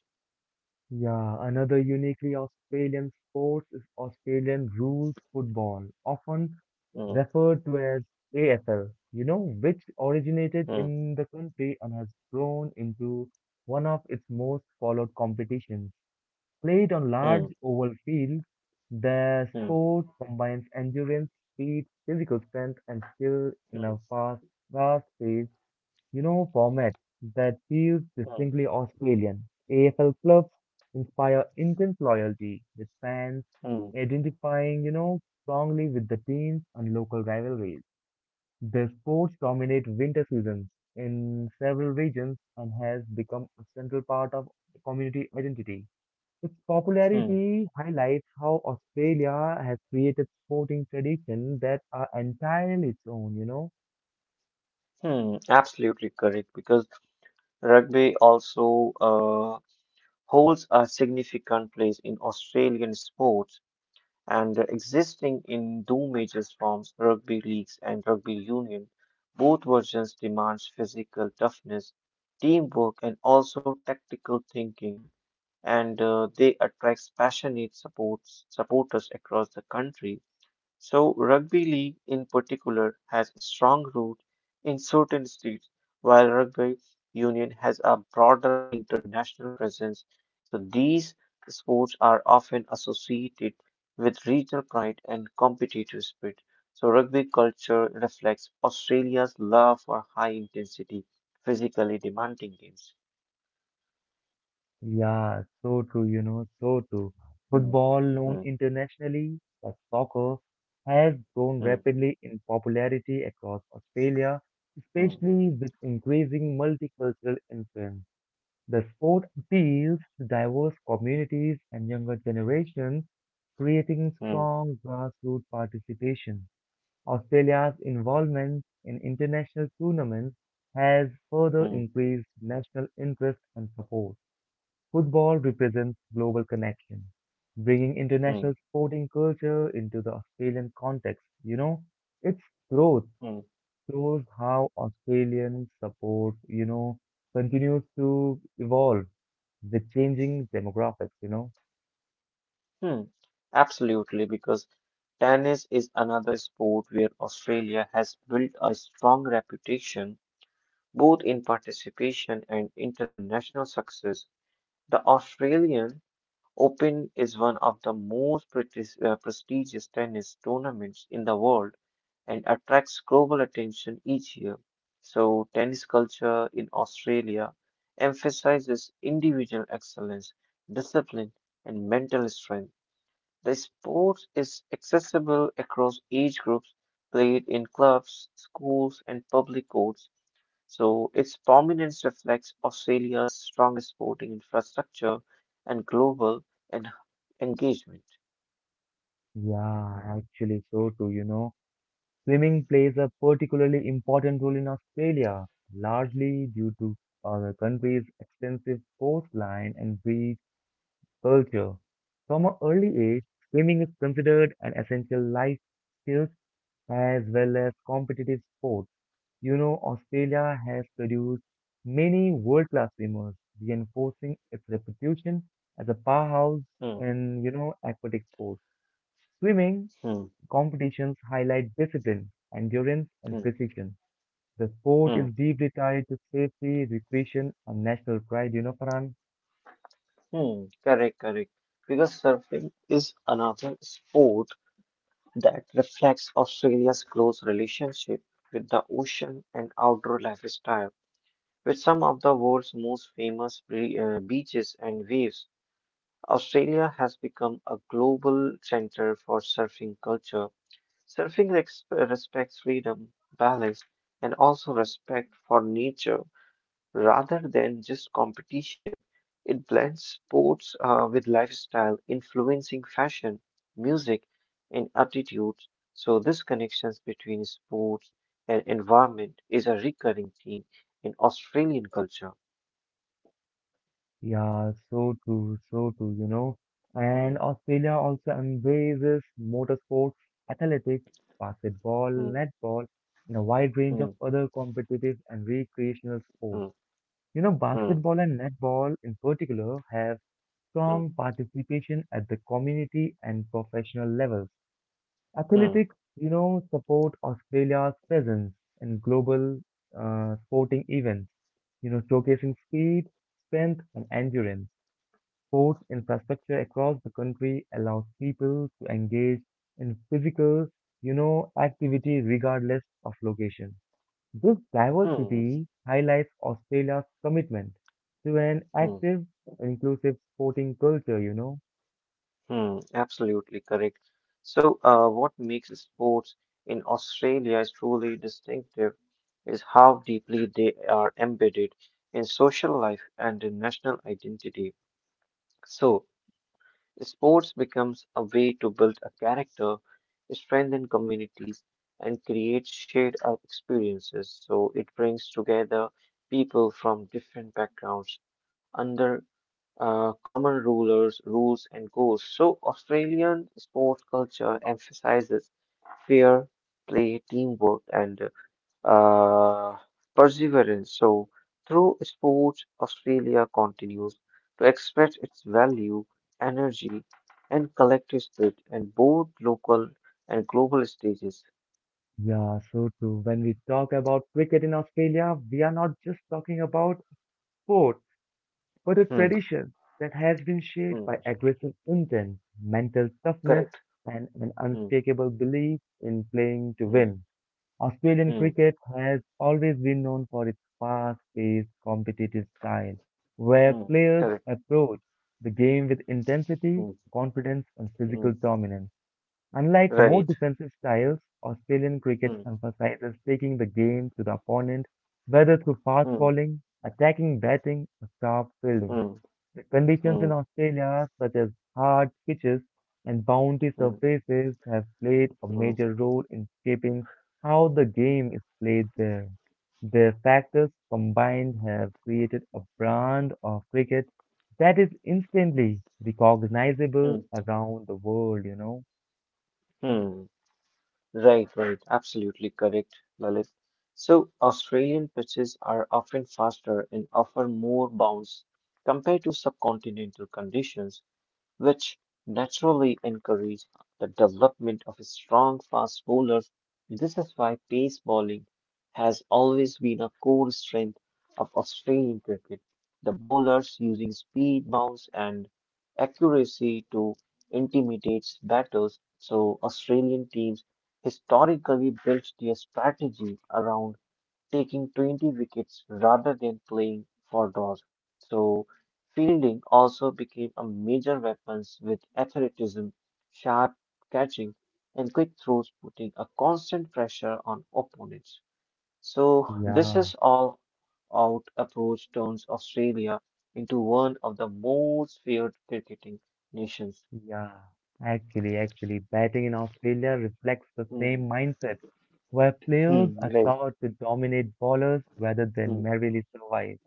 A: Yeah, another uniquely Australian sport is Australian rules football, often
B: Mm,
A: referred to as AFL, which originated
B: mm,
A: in the country and has grown into one of its most followed competitions. Played on large
B: mm,
A: oval fields, the
B: mm,
A: sport combines endurance, speed, physical strength, and skill in a
B: mm,
A: fast-paced, format that feels
B: mm,
A: distinctly Australian. AFL clubs inspire intense loyalty, with fans
B: mm,
A: identifying, strongly with the teams and local rivalries. The sports dominate winter seasons in several regions and has become a central part of community identity. Its
B: mm,
A: popularity highlights how Australia has created sporting traditions that are entirely its own,
B: mm. Absolutely correct, because rugby also holds a significant place in Australian sports and existing in two major forms rugby leagues and rugby union. Both versions demands physical toughness, teamwork, and also tactical thinking, and they attracts passionate supports supporters across the country. So, rugby league in particular has a strong root in certain states, while rugby union has a broader international presence. So, these sports are often associated with regional pride and competitive spirit. So, rugby culture reflects Australia's love for high intensity, physically demanding games.
A: Yeah, so true.
B: Hmm,
A: Football, known
B: hmm,
A: internationally as soccer, has grown
B: hmm,
A: rapidly in popularity across Australia,
B: hmm,
A: especially with increasing multicultural influence. The sport appeals to diverse communities and younger generations, creating
B: hmm,
A: strong grassroots participation. Australia's involvement in international tournaments has further
B: hmm,
A: increased national interest and support. Football represents global connection, bringing
B: hmm,
A: international sporting culture into the Australian context. Its growth
B: hmm,
A: shows how Australian support, continues to evolve with changing demographics.
B: hmm. Absolutely, because tennis is another sport where Australia has built a strong reputation both in participation and international success. The Australian Open is one of the most prestigious tennis tournaments in the world and attracts global attention each year. So, tennis culture in Australia emphasizes individual excellence, discipline, and mental strength. The sport is accessible across age groups, played in clubs, schools, and public courts, so its prominence reflects Australia's strong sporting infrastructure and global and engagement.
A: Yeah, actually, so too, you know. Swimming plays a particularly important role in Australia, largely due to the country's extensive coastline and beach culture. From an early age, swimming is considered an essential life skill as well as competitive sport. Australia has produced many world-class swimmers, reinforcing its reputation as a powerhouse
B: Hmm,
A: in, aquatic sports. Swimming
B: hmm,
A: competitions highlight discipline, endurance, and
B: hmm,
A: precision. The sport is
B: hmm,
A: deeply tied to safety, recreation, and national pride, you know, Farhan?
B: hmm. Correct, correct. Figure surfing is another sport that reflects Australia's close relationship with the ocean and outdoor lifestyle. With some of the world's most famous beaches and waves, Australia has become a global center for surfing culture. Surfing respects freedom, balance, and also respect for nature rather than just competition. It blends sports with lifestyle, influencing fashion, music, and attitudes. So, this connections between sports and environment is a recurring theme in Australian culture.
A: Yeah, so true.
B: Mm,
A: And Australia also embraces motorsports, athletics, basketball,
B: mm,
A: netball, and a wide range of
B: mm,
A: other competitive and recreational sports.
B: mm, mm,
A: Basketball and netball in particular have
B: mm,
A: strong participation at the community and professional levels.
B: mm,
A: Athletics, support Australia's presence in global sporting events, showcasing speed, strength, and endurance. Sports infrastructure across the country allows people to engage in physical, activity regardless of location. This
B: mm,
A: diversity highlights Australia's commitment to an
B: mm,
A: active, inclusive sporting culture.
B: mm. Absolutely correct. So, what makes sports in Australia is truly distinctive is how deeply they are embedded in social life and in national identity. So, sports becomes a way to build a character, strengthen communities, and create shared experiences. So, it brings together people from different backgrounds under common rules, and goals. So, Australian sports culture emphasizes fair play, teamwork, and uh, perseverance. So, through sports, Australia continues to express its value, energy, and collective spirit in both local and global stages.
A: Yeah, so true. When we talk about cricket in Australia, we are not just talking about sport, but a
B: Hmm,
A: tradition that has been shaped
B: hmm,
A: by aggressive intent, mental toughness,
B: correct.
A: and an
B: Hmm,
A: unshakable belief in playing to
B: hmm,
A: win. Australian
B: hmm,
A: cricket has always been known for its fast-paced, competitive style, where
B: hmm,
A: players
B: correct.
A: approach the game with intensity,
B: Hmm,
A: confidence, and
B: hmm,
A: physical dominance. Unlike more
B: right.
A: defensive styles, Australian cricket
B: Hmm,
A: emphasizes taking the game to the opponent, whether through fast
B: hmm,
A: bowling, attacking batting, or sharp fielding.
B: hmm,
A: The conditions in
B: hmm.
A: Australia, such as hard pitches and bounty
B: Hmm.
A: surfaces, have played a
B: Mm,
A: major role in shaping how the game is played there. Their factors combined have created a brand of cricket that is instantly
B: mm,
A: recognizable around the world.
B: mm. Right, right. Absolutely correct, Lalit. So, Australian pitches are often faster and offer more bounce compared to subcontinental conditions, which naturally encouraged the development of strong fast bowlers. This is why pace bowling has always been a core strength of Australian cricket. The bowlers using speed, bounce, and accuracy to intimidate batters, so Australian teams historically built their strategy around taking 20 wickets rather than playing for draws. So, fielding also became a major weapon with athleticism, sharp catching, and quick throws, putting a constant pressure on opponents. So, this
A: Yeah.
B: is all out approach turns Australia into one of the most feared cricketing nations.
A: Yeah, actually, batting in Australia reflects the same
B: Hmm.
A: mindset, where players
B: Hmm.
A: are
B: Right.
A: taught to dominate bowlers rather than
B: Hmm.
A: merely survive.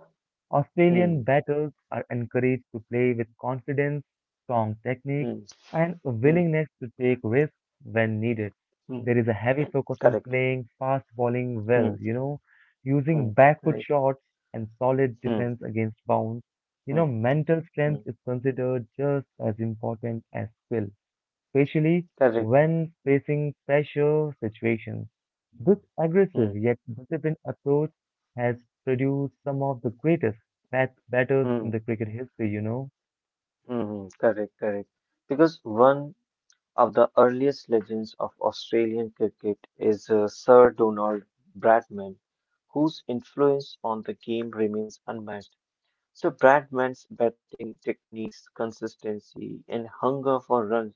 A: Australian
B: Hmm.
A: batters are encouraged to play with confidence, strong technique,
B: Hmm.
A: and a
B: Hmm.
A: willingness to take risks when needed.
B: Hmm.
A: There is a heavy focus on
B: Correct.
A: playing fast bowling well,
B: Hmm. Hmm.
A: using backfoot
B: Right.
A: shots and solid
B: Hmm.
A: defense against bounce.
B: Hmm.
A: Mental
B: Hmm.
A: strength is considered just as important as skill especially
B: Correct.
A: when facing pressure situations. This
B: Hmm.
A: aggressive yet disciplined approach has produced some of the greatest batters in
B: Hmm.
A: the cricket history,
B: Hmm. Hmm. Correct. Correct. Because one of the earliest legends of Australian cricket is Sir Donald Bradman, whose influence on the game remains unmatched. So Bradman's batting techniques, consistency, and hunger for runs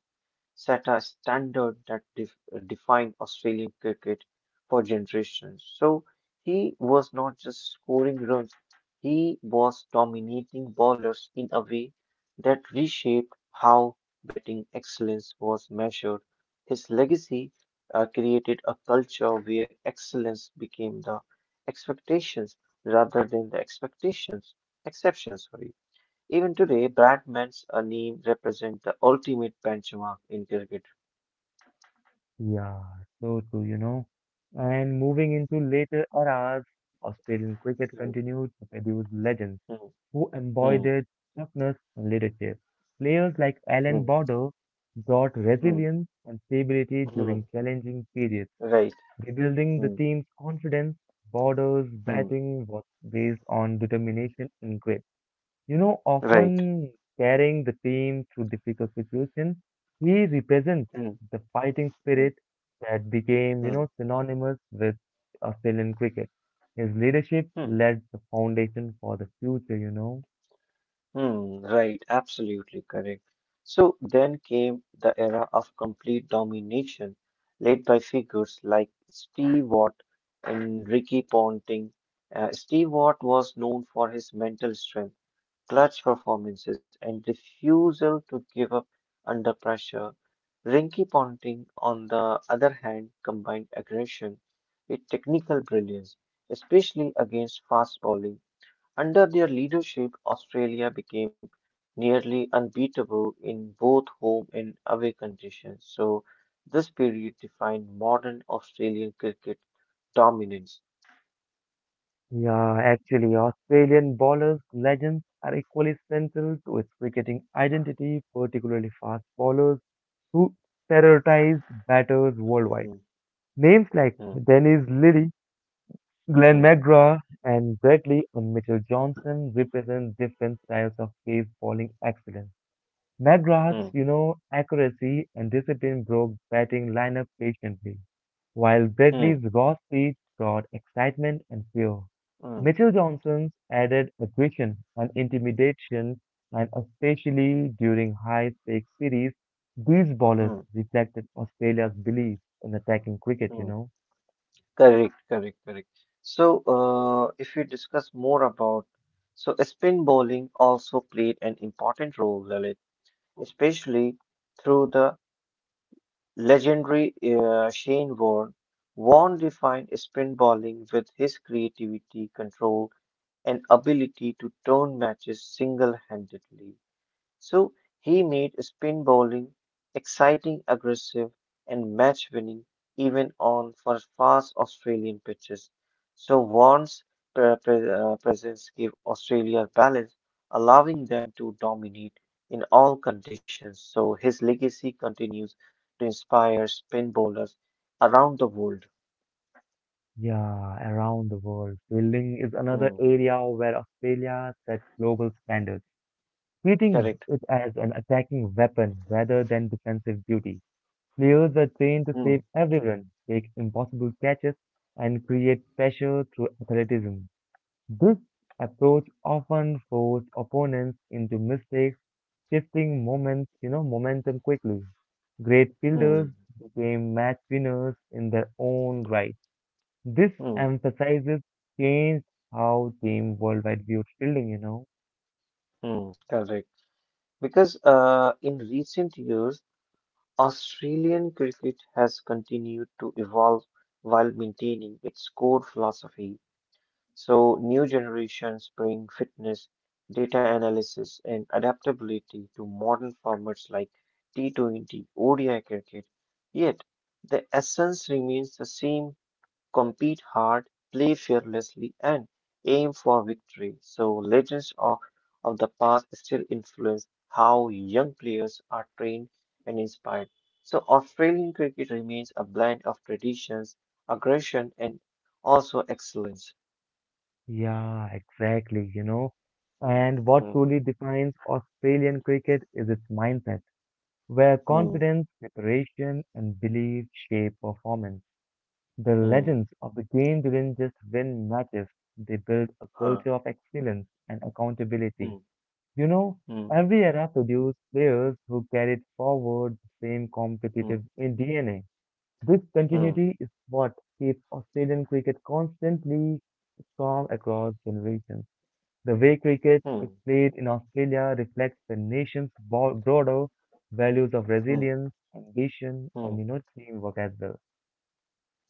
B: set a standard that defined Australian cricket for generations. So he was not just scoring runs, he was dominating bowlers in a way that reshaped how batting excellence was measured. His legacy created a culture where excellence became the expectations rather than the expectations exceptions. Sorry. Even today, Bradman's a name represents the ultimate benchmark in cricket.
A: Yeah, so too. And moving into later eras, Australian cricket
B: Hmm,
A: continued to produce legends
B: hmm,
A: who
B: hmm,
A: embodied toughness and leadership. Players like
B: hmm,
A: Alan Border brought
B: hmm,
A: resilience and stability
B: hmm,
A: during challenging periods
B: right.
A: rebuilding
B: Hmm,
A: the team's confidence. Borders
B: hmm,
A: batting was based on determination and grit. You know,
B: right.
A: often carrying the team through difficult situations, he represents
B: Hmm,
A: the fighting
B: hmm,
A: spirit that became,
B: hmm,
A: synonymous with Australian cricket. His leadership
B: hmm,
A: led the foundation for the future,
B: hmm, right. Absolutely correct. So then came the era of complete domination, led by figures like Steve Watt and Ricky Ponting. Steve Watt was known for his mental strength clutch performances, and refusal to give up under pressure. Rinky Ponting, on the other hand, combined aggression with technical brilliance, especially against fast bowling. Under their leadership, Australia became nearly unbeatable in both home and away conditions. So, this period defined modern Australian cricket dominance.
A: Yeah, actually, Australian bowlers' legends are equally central to its cricketing identity, particularly fast bowlers who terrorized batters worldwide.
B: Hmm,
A: Names like
B: hmm,
A: Dennis Lilly, Glenn
B: hmm,
A: McGrath, and Bradley and Mitchell Johnson represent different styles of base bowling excellence. McGrath's,
B: hmm,
A: accuracy and discipline broke batting lineup patiently, while
B: hmm,
A: Bradley's raw speed brought excitement and fear.
B: hmm,
A: Mitchell Johnson's added aggression and intimidation, and especially during high-stakes series, these bowlers
B: hmm,
A: reflected Australia's
B: hmm,
A: belief in attacking cricket,
B: hmm. Correct, correct, correct. So, if we discuss more about, so spin bowling also played an important role, Lalit, especially through the legendary Shane Warne. Warne defined spin bowling with his creativity, control, and ability to turn matches single-handedly. So, he made spin bowling exciting, aggressive, and match-winning even on for fast Australian pitches. So Warren's presence gave Australia balance, allowing them to dominate in all conditions. So his legacy continues to inspire spin bowlers around the world.
A: Yeah, around the world. Fielding is another
B: Hmm,
A: area where Australia sets global standards, treating
B: correct.
A: it as an attacking weapon rather than defensive duty. Players are trained to save
B: Hmm,
A: everyone, make impossible catches, and create pressure through athleticism. This approach often forced opponents into mistakes, shifting momentum quickly. Great fielders
B: hmm,
A: became match winners in their own right. This
B: hmm,
A: emphasizes changed how team worldwide viewed fielding,
B: hmm, correct. Because in recent years, Australian cricket has continued to evolve while maintaining its core philosophy. So new generations bring fitness data analysis, and adaptability to modern formats like T20, ODI cricket. Yet, the essence remains the same compete hard, play fearlessly, and aim for victory. So, legends of the past still influence how young players are trained and inspired. So, Australian cricket remains a blend of traditions, aggression, and also excellence.
A: Yeah, exactly.
B: Hmm,
A: And what
B: hmm,
A: truly defines Australian cricket is its mindset, where
B: hmm,
A: confidence, preparation, and belief shape performance. The legends
B: hmm,
A: of the game didn't just win matches, they built a
B: huh,
A: culture of excellence and accountability.
B: hmm,
A: You know,
B: hmm.
A: every era produced players who carried forward the same
B: Hmm.
A: competitive in DNA. This
B: Hmm.
A: continuity is what keeps Australian cricket constantly strong across generations. The way cricket is
B: Hmm.
A: played in Australia reflects the nation's broader values of
B: Hmm.
A: resilience, ambition,
B: Hmm.
A: and teamwork as well.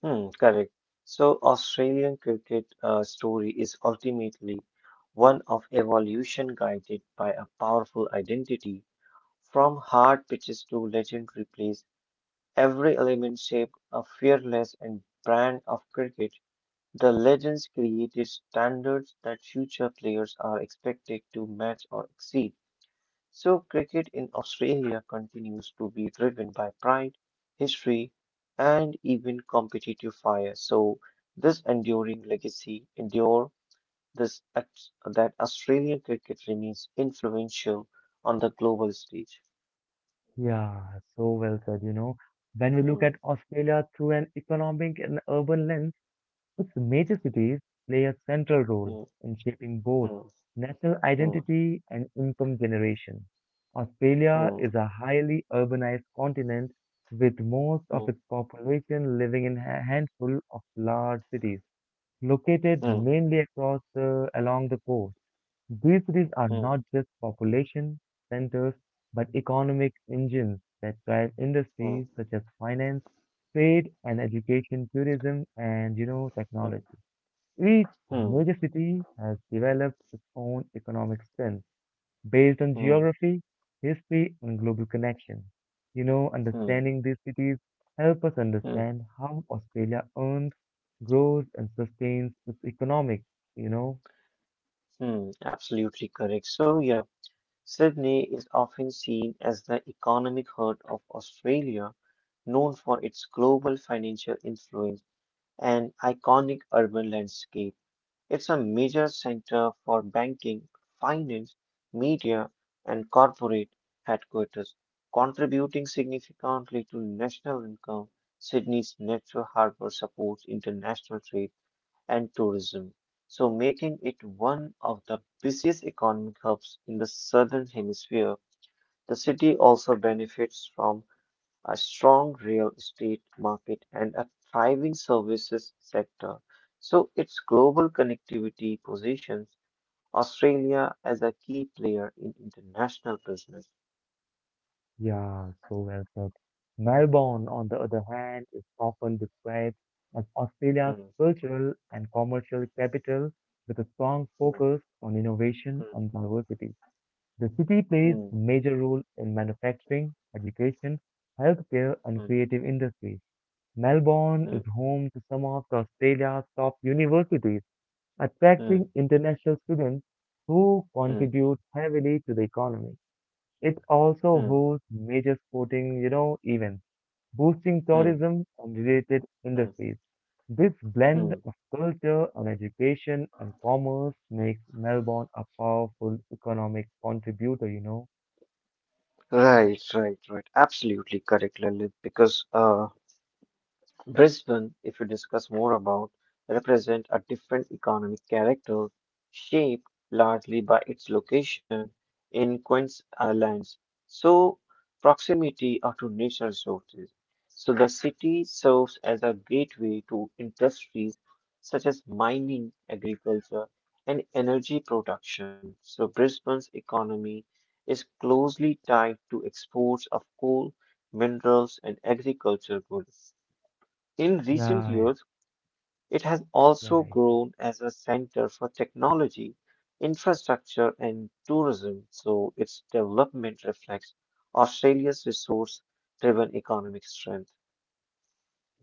B: Mm, correct. So, Australian cricket story is ultimately one of evolution guided by a powerful identity. From hard pitches to legendary plays, every element shaped a fearless and brand of cricket. The legends created standards that future players are expected to match or exceed. So, cricket in Australia continues to be driven by pride, history, and even competitive fire. So, this enduring legacy endure this that Australian cricket remains influential on the global stage.
A: Yeah, so well said. When we look
B: Hmm,
A: at Australia through an economic and urban lens, its major cities play a central role
B: hmm,
A: in shaping both
B: hmm,
A: national identity and income generation. Australia
B: hmm,
A: is a highly urbanized continent with most
B: hmm,
A: of its population living in a handful of large cities located
B: hmm,
A: mainly across along the coast. These cities are
B: hmm,
A: not just population centers, but economic engines that drive
B: hmm,
A: industries such as finance, trade and education, tourism, and
B: hmm,
A: technology. Each
B: hmm, hmm,
A: major city has developed its own economic strength based on
B: hmm,
A: geography, history, and global connection. You know,
B: hmm,
A: understanding these cities help us
B: hmm,
A: understand how Australia earns, grows, and sustains its economics. You know,
B: hmm. Absolutely correct. So, yeah. Sydney is often seen as the economic heart of Australia, known for its global financial influence and iconic urban landscape. It's a major center for banking, finance, media, and corporate headquarters, contributing significantly to national income. Sydney's natural harbor supports international trade and tourism, so making it one of the busiest economic hubs in the southern hemisphere. The city also benefits from a strong real estate market and a thriving services sector. So its global connectivity positions Australia as a key player in international business.
A: yeah, so well said. Melbourne, on the other hand, is often described as Australia's
B: Hmm,
A: cultural and commercial capital with a strong
B: hmm,
A: focus on innovation
B: hmm,
A: and diversity. The city plays
B: hmm,
A: a major role in manufacturing, education, healthcare, and creative industries. Melbourne
B: hmm,
A: is home to some of Australia's top universities,
B: hmm,
A: attracting
B: hmm,
A: international students who
B: hmm,
A: contribute heavily to the economy. It also
B: hmm,
A: hosts major sporting, events, boosting
B: hmm,
A: tourism and related
B: hmm,
A: industries. This blend
B: hmm.
A: of culture and education and commerce makes Melbourne a powerful economic contributor,
B: Right, right, right. Absolutely correct, Lalit, because Brisbane, if we discuss more about, represent a different economic character shaped largely by its location in Queen's Islands. So proximity are to natural resources. So the city serves as a gateway to industries such as mining, agriculture, and energy production. So Brisbane's economy is closely tied to exports of coal, minerals, and agricultural goods. In recent
A: Yeah,
B: years, it has
A: yeah,
B: also
A: exactly.
B: grown as a center for technology, infrastructure, and tourism, so its development reflects Australia's resource driven economic strength.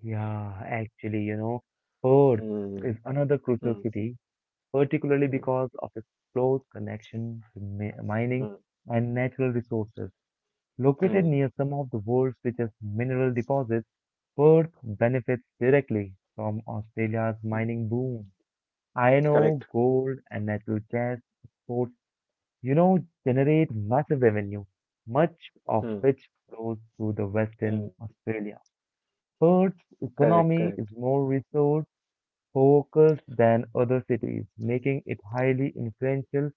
A: Yeah, Perth is
B: Mm,
A: another crucial
B: mm,
A: city particularly
B: mm,
A: because of its close connection to mining
B: mm,
A: and natural resources. Located
B: mm,
A: near some of the world's richest mineral deposits, Perth benefits directly from Australia's
B: mm.
A: mining boom. Iron ore,
B: Correct.
A: gold, and natural gas exports, you know, generate massive revenue, much of
B: Mm,
A: which flows to the Western
B: mm,
A: Australia. Perth's
B: correct, correct.
A: economy is more resource focused than other cities, making it highly influential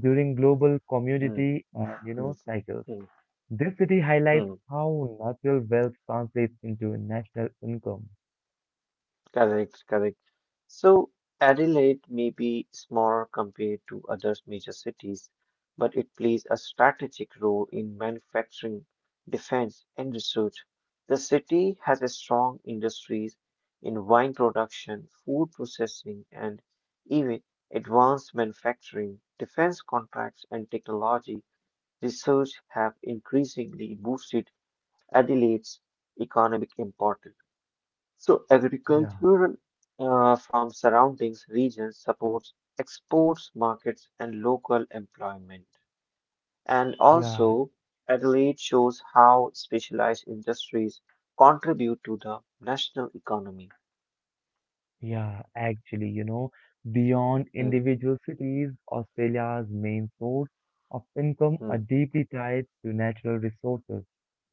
A: during global
B: Mm,
A: commodity and you
B: mm,
A: know cycles.
B: mm,
A: This city highlights
B: mm.
A: how natural wealth translates into national income.
B: Correct, correct. So Adelaide may be smaller compared to other major cities, but it plays a strategic role in manufacturing, defense, and research. The city has a strong industries in wine production, food processing, and even advanced manufacturing. Defense contracts and technology research have increasingly boosted Adelaide's economic importance. So
A: Yeah,
B: agriculture from surrounding regions supports exports markets and local employment. And
A: yeah,
B: also, Adelaide shows how specialized industries contribute to the national economy.
A: yeah. Beyond
B: Hmm,
A: individual cities, Australia's main source of income
B: hmm,
A: are deeply tied to natural resources,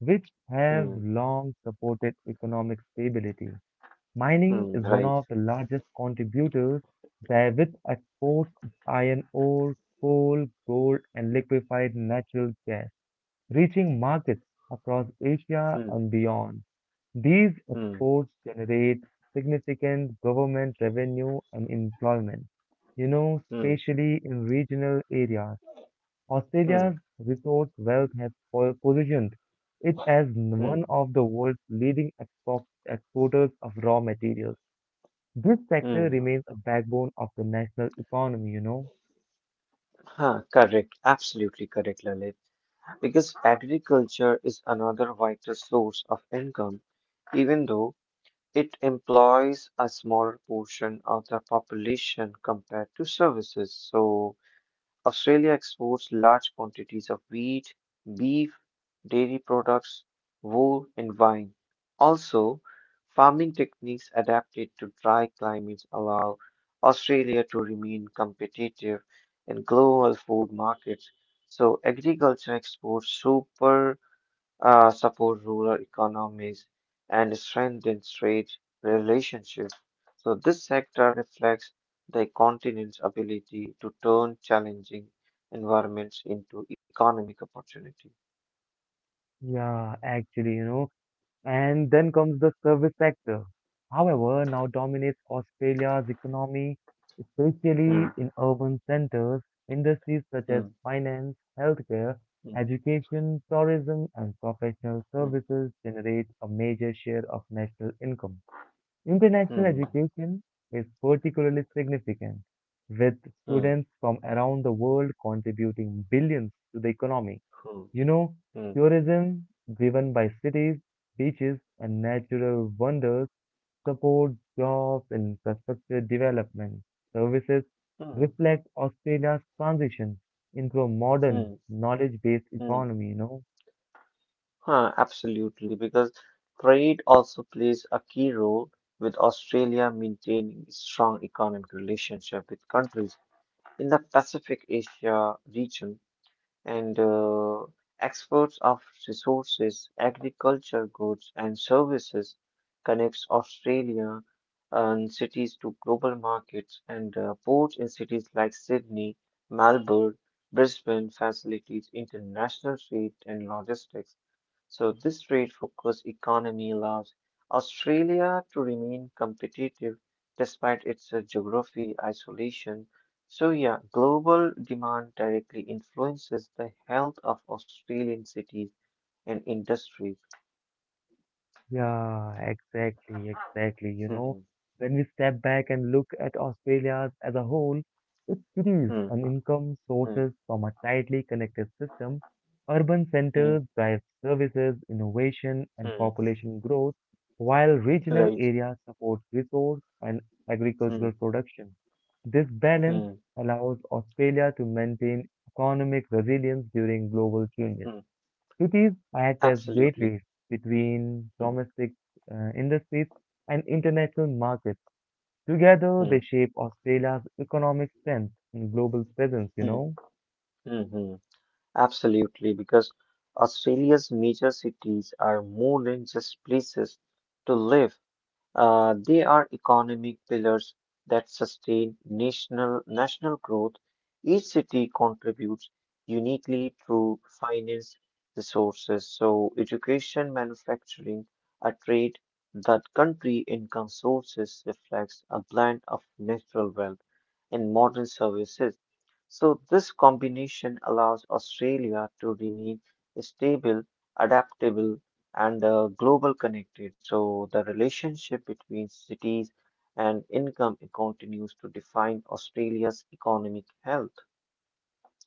A: which have
B: hmm,
A: long supported economic stability. Mining
B: hmm,
A: is one
B: right.
A: of the largest contributors there with exports of iron ore, coal, gold and liquefied natural gas, reaching markets across Asia
B: Hmm,
A: and beyond. These
B: hmm,
A: exports generate significant government revenue and employment,
B: hmm,
A: especially in regional areas.
B: hmm,
A: Australia's resource wealth has positioned it as
B: hmm.
A: one of the world's leading exporters of raw materials, this sector
B: Hmm.
A: remains a backbone of the national economy.
B: Huh, correct. Absolutely correct, Lalit. Because agriculture is another vital source of income, even though it employs a smaller portion of the population compared to services. So, Australia exports large quantities of wheat, beef, dairy products, wool, and wine. Also, farming techniques adapted to dry climates allow Australia to remain competitive in global food markets. So, agriculture exports super support rural economies, and strengthen trade relationships. So, this sector reflects the continent's ability to turn challenging environments into economic opportunity.
A: Yeah, actually, you know. And then comes the service sector. However, now dominates Australia's economy,
B: Hmm,
A: especially in urban centers. Industries such as
B: hmm,
A: finance, healthcare,
B: hmm,
A: education, tourism, and professional
B: hmm,
A: services generate a major share of national income. International
B: hmm,
A: education is particularly significant, with
B: hmm,
A: students from around the world contributing billions to the economy.
B: hmm,
A: You know,
B: hmm,
A: Tourism driven by cities, beaches, and natural wonders supports jobs and infrastructure development. Services
B: hmm,
A: reflect Australia's transition into a modern,
B: hmm,
A: knowledge based
B: hmm.
A: economy.
B: Huh, absolutely, because trade also plays a key role with Australia maintaining strong economic relationship with countries in the Pacific Asia region, and exports of resources, agriculture goods, and services connects Australia and cities to global markets and ports in cities like Sydney, Melbourne, Brisbane facilitates international trade and logistics. So this trade-focused economy allows Australia to remain competitive despite its geography isolation. So yeah, global demand directly influences the health of Australian cities and industries.
A: Yeah, exactly, exactly.
B: Hmm,
A: When we step back and look at Australia as a whole, it produces
B: hmm,
A: an income
B: hmm,
A: sources from a tightly connected system. Urban
B: hmm,
A: centers drive services, innovation, and
B: hmm.
A: population growth, while regional
B: Right.
A: areas support resource and
B: Hmm,
A: agricultural production. This balance
B: hmm,
A: allows Australia to maintain economic resilience during global changes.
B: hmm.
A: Cities act as
B: Absolutely.
A: gateways between
B: Hmm,
A: domestic industries and international markets. Together,
B: hmm,
A: they shape Australia's economic strength and global presence, you
B: hmm,
A: know?
B: hmm, hmm. Absolutely, because Australia's major cities are more than just places to live. They are economic pillars that sustain national growth. Each city contributes uniquely through finance resources, so education, manufacturing, a trade. That country income sources reflects a blend of natural wealth and modern services. So, this combination allows Australia to remain stable, adaptable, and global connected. So, the relationship between cities and income continues to define Australia's economic health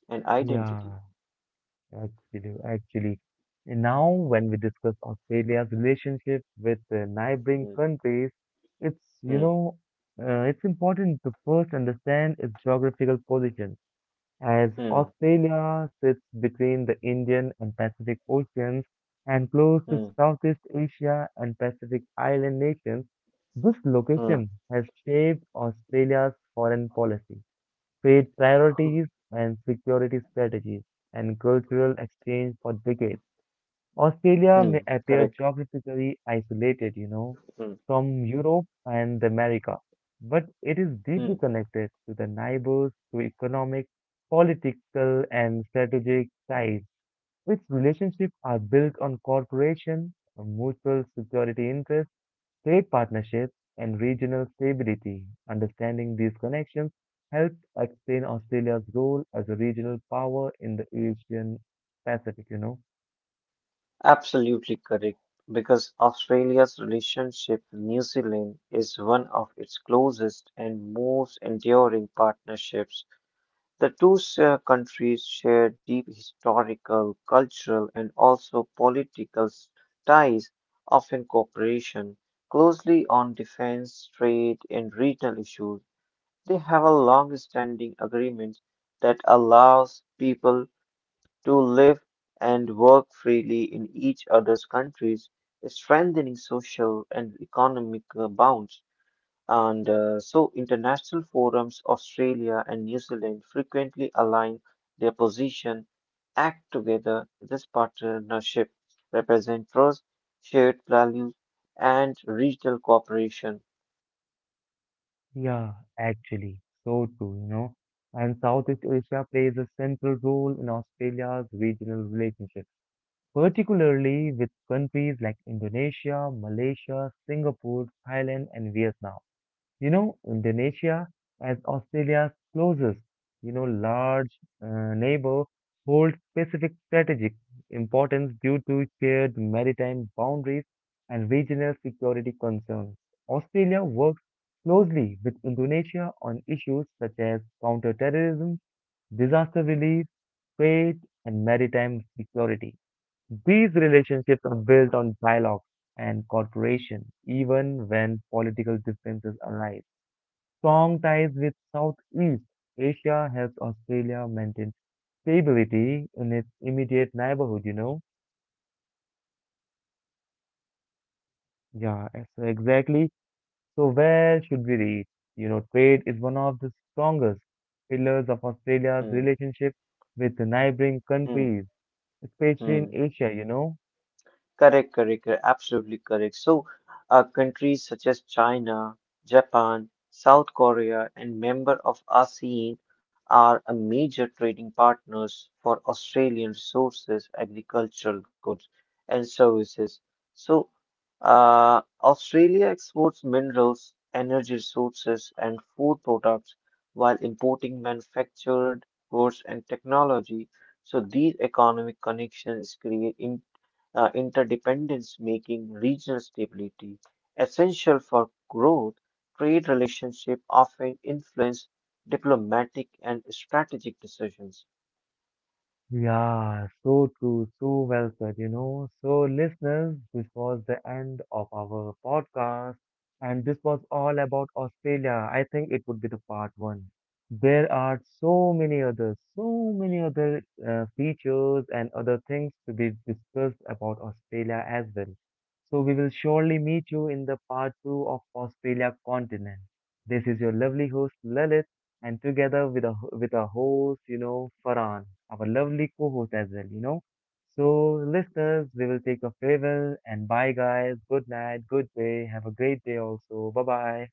B: and identity.
A: Yeah, actually, actually. And now, when we discuss Australia's relationship with neighboring
B: Hmm,
A: countries, it's, you
B: hmm,
A: know, it's important to first understand its geographical position. As
B: hmm,
A: Australia sits between the Indian and Pacific Oceans and close to
B: hmm,
A: Southeast Asia and Pacific Island nations, this
B: hmm,
A: location has shaped Australia's foreign policy, trade priorities, and security strategies, and cultural exchange for decades. Australia
B: hmm,
A: may
B: correct.
A: appear geographically isolated,
B: Hmm,
A: from Europe and the America, but it is
B: hmm.
A: deeply connected to the neighbors through economic, political, and strategic ties. Its relationships are built on cooperation, mutual security interests, trade partnerships, and regional stability. Understanding these connections helps explain Australia's role as a regional power in the Asian Pacific.
B: Absolutely correct, because Australia's relationship with New Zealand is one of its closest and most enduring partnerships. The two countries share deep historical, cultural, and also political ties, often cooperation closely on defense, trade, and regional issues. They have a long-standing agreement that allows people to live and work freely in each other's countries, strengthening social and economic bonds. And so, international forums, Australia and New Zealand frequently align their position, act together. This partnership represents trust, shared values, and regional cooperation.
A: Yeah, actually, so true, you know. And Southeast Asia plays a central role in Australia's regional relationship, particularly with countries like Indonesia, Malaysia, Singapore, Thailand, and Vietnam. Indonesia as Australia's closest, large neighbor holds specific strategic importance due to shared maritime boundaries and regional security concerns. Australia works closely with Indonesia on issues such as counterterrorism, disaster relief, trade, and maritime security. These relationships are built on dialogue and cooperation, even when political differences arise. Strong ties with Southeast Asia helped Australia maintain stability in its immediate neighborhood, you know? Yeah, eh, so exactly. So where should we read? Trade is one of the strongest pillars of Australia's
B: Hmm,
A: relationship with the neighboring
B: hmm,
A: countries, especially in
B: hmm.
A: Asia, you know?
B: Correct, correct, correct, absolutely correct. So, countries such as China, Japan, South Korea, and member of ASEAN are a major trading partners for Australian resources, agricultural goods, and services. So, Australia exports minerals, energy resources, and food products while importing manufactured goods and technology. So, these economic connections create interdependence, making regional stability essential for growth. Trade relationships often influence diplomatic and strategic decisions.
A: Yeah, so true, so well said, you know. So, listeners, this was the end of our podcast, and this was all about Australia. I think it would be the part one. There are so many others, so many other features and other things to be discussed about Australia as well. So, we will surely meet you in the part two of Australia continent. This is your lovely host, Lalit and together with a host, Farhan, our lovely co-host as well, you know. So, listeners, we will take a farewell and bye, guys. Good night, good day. Have a great day also. Bye bye.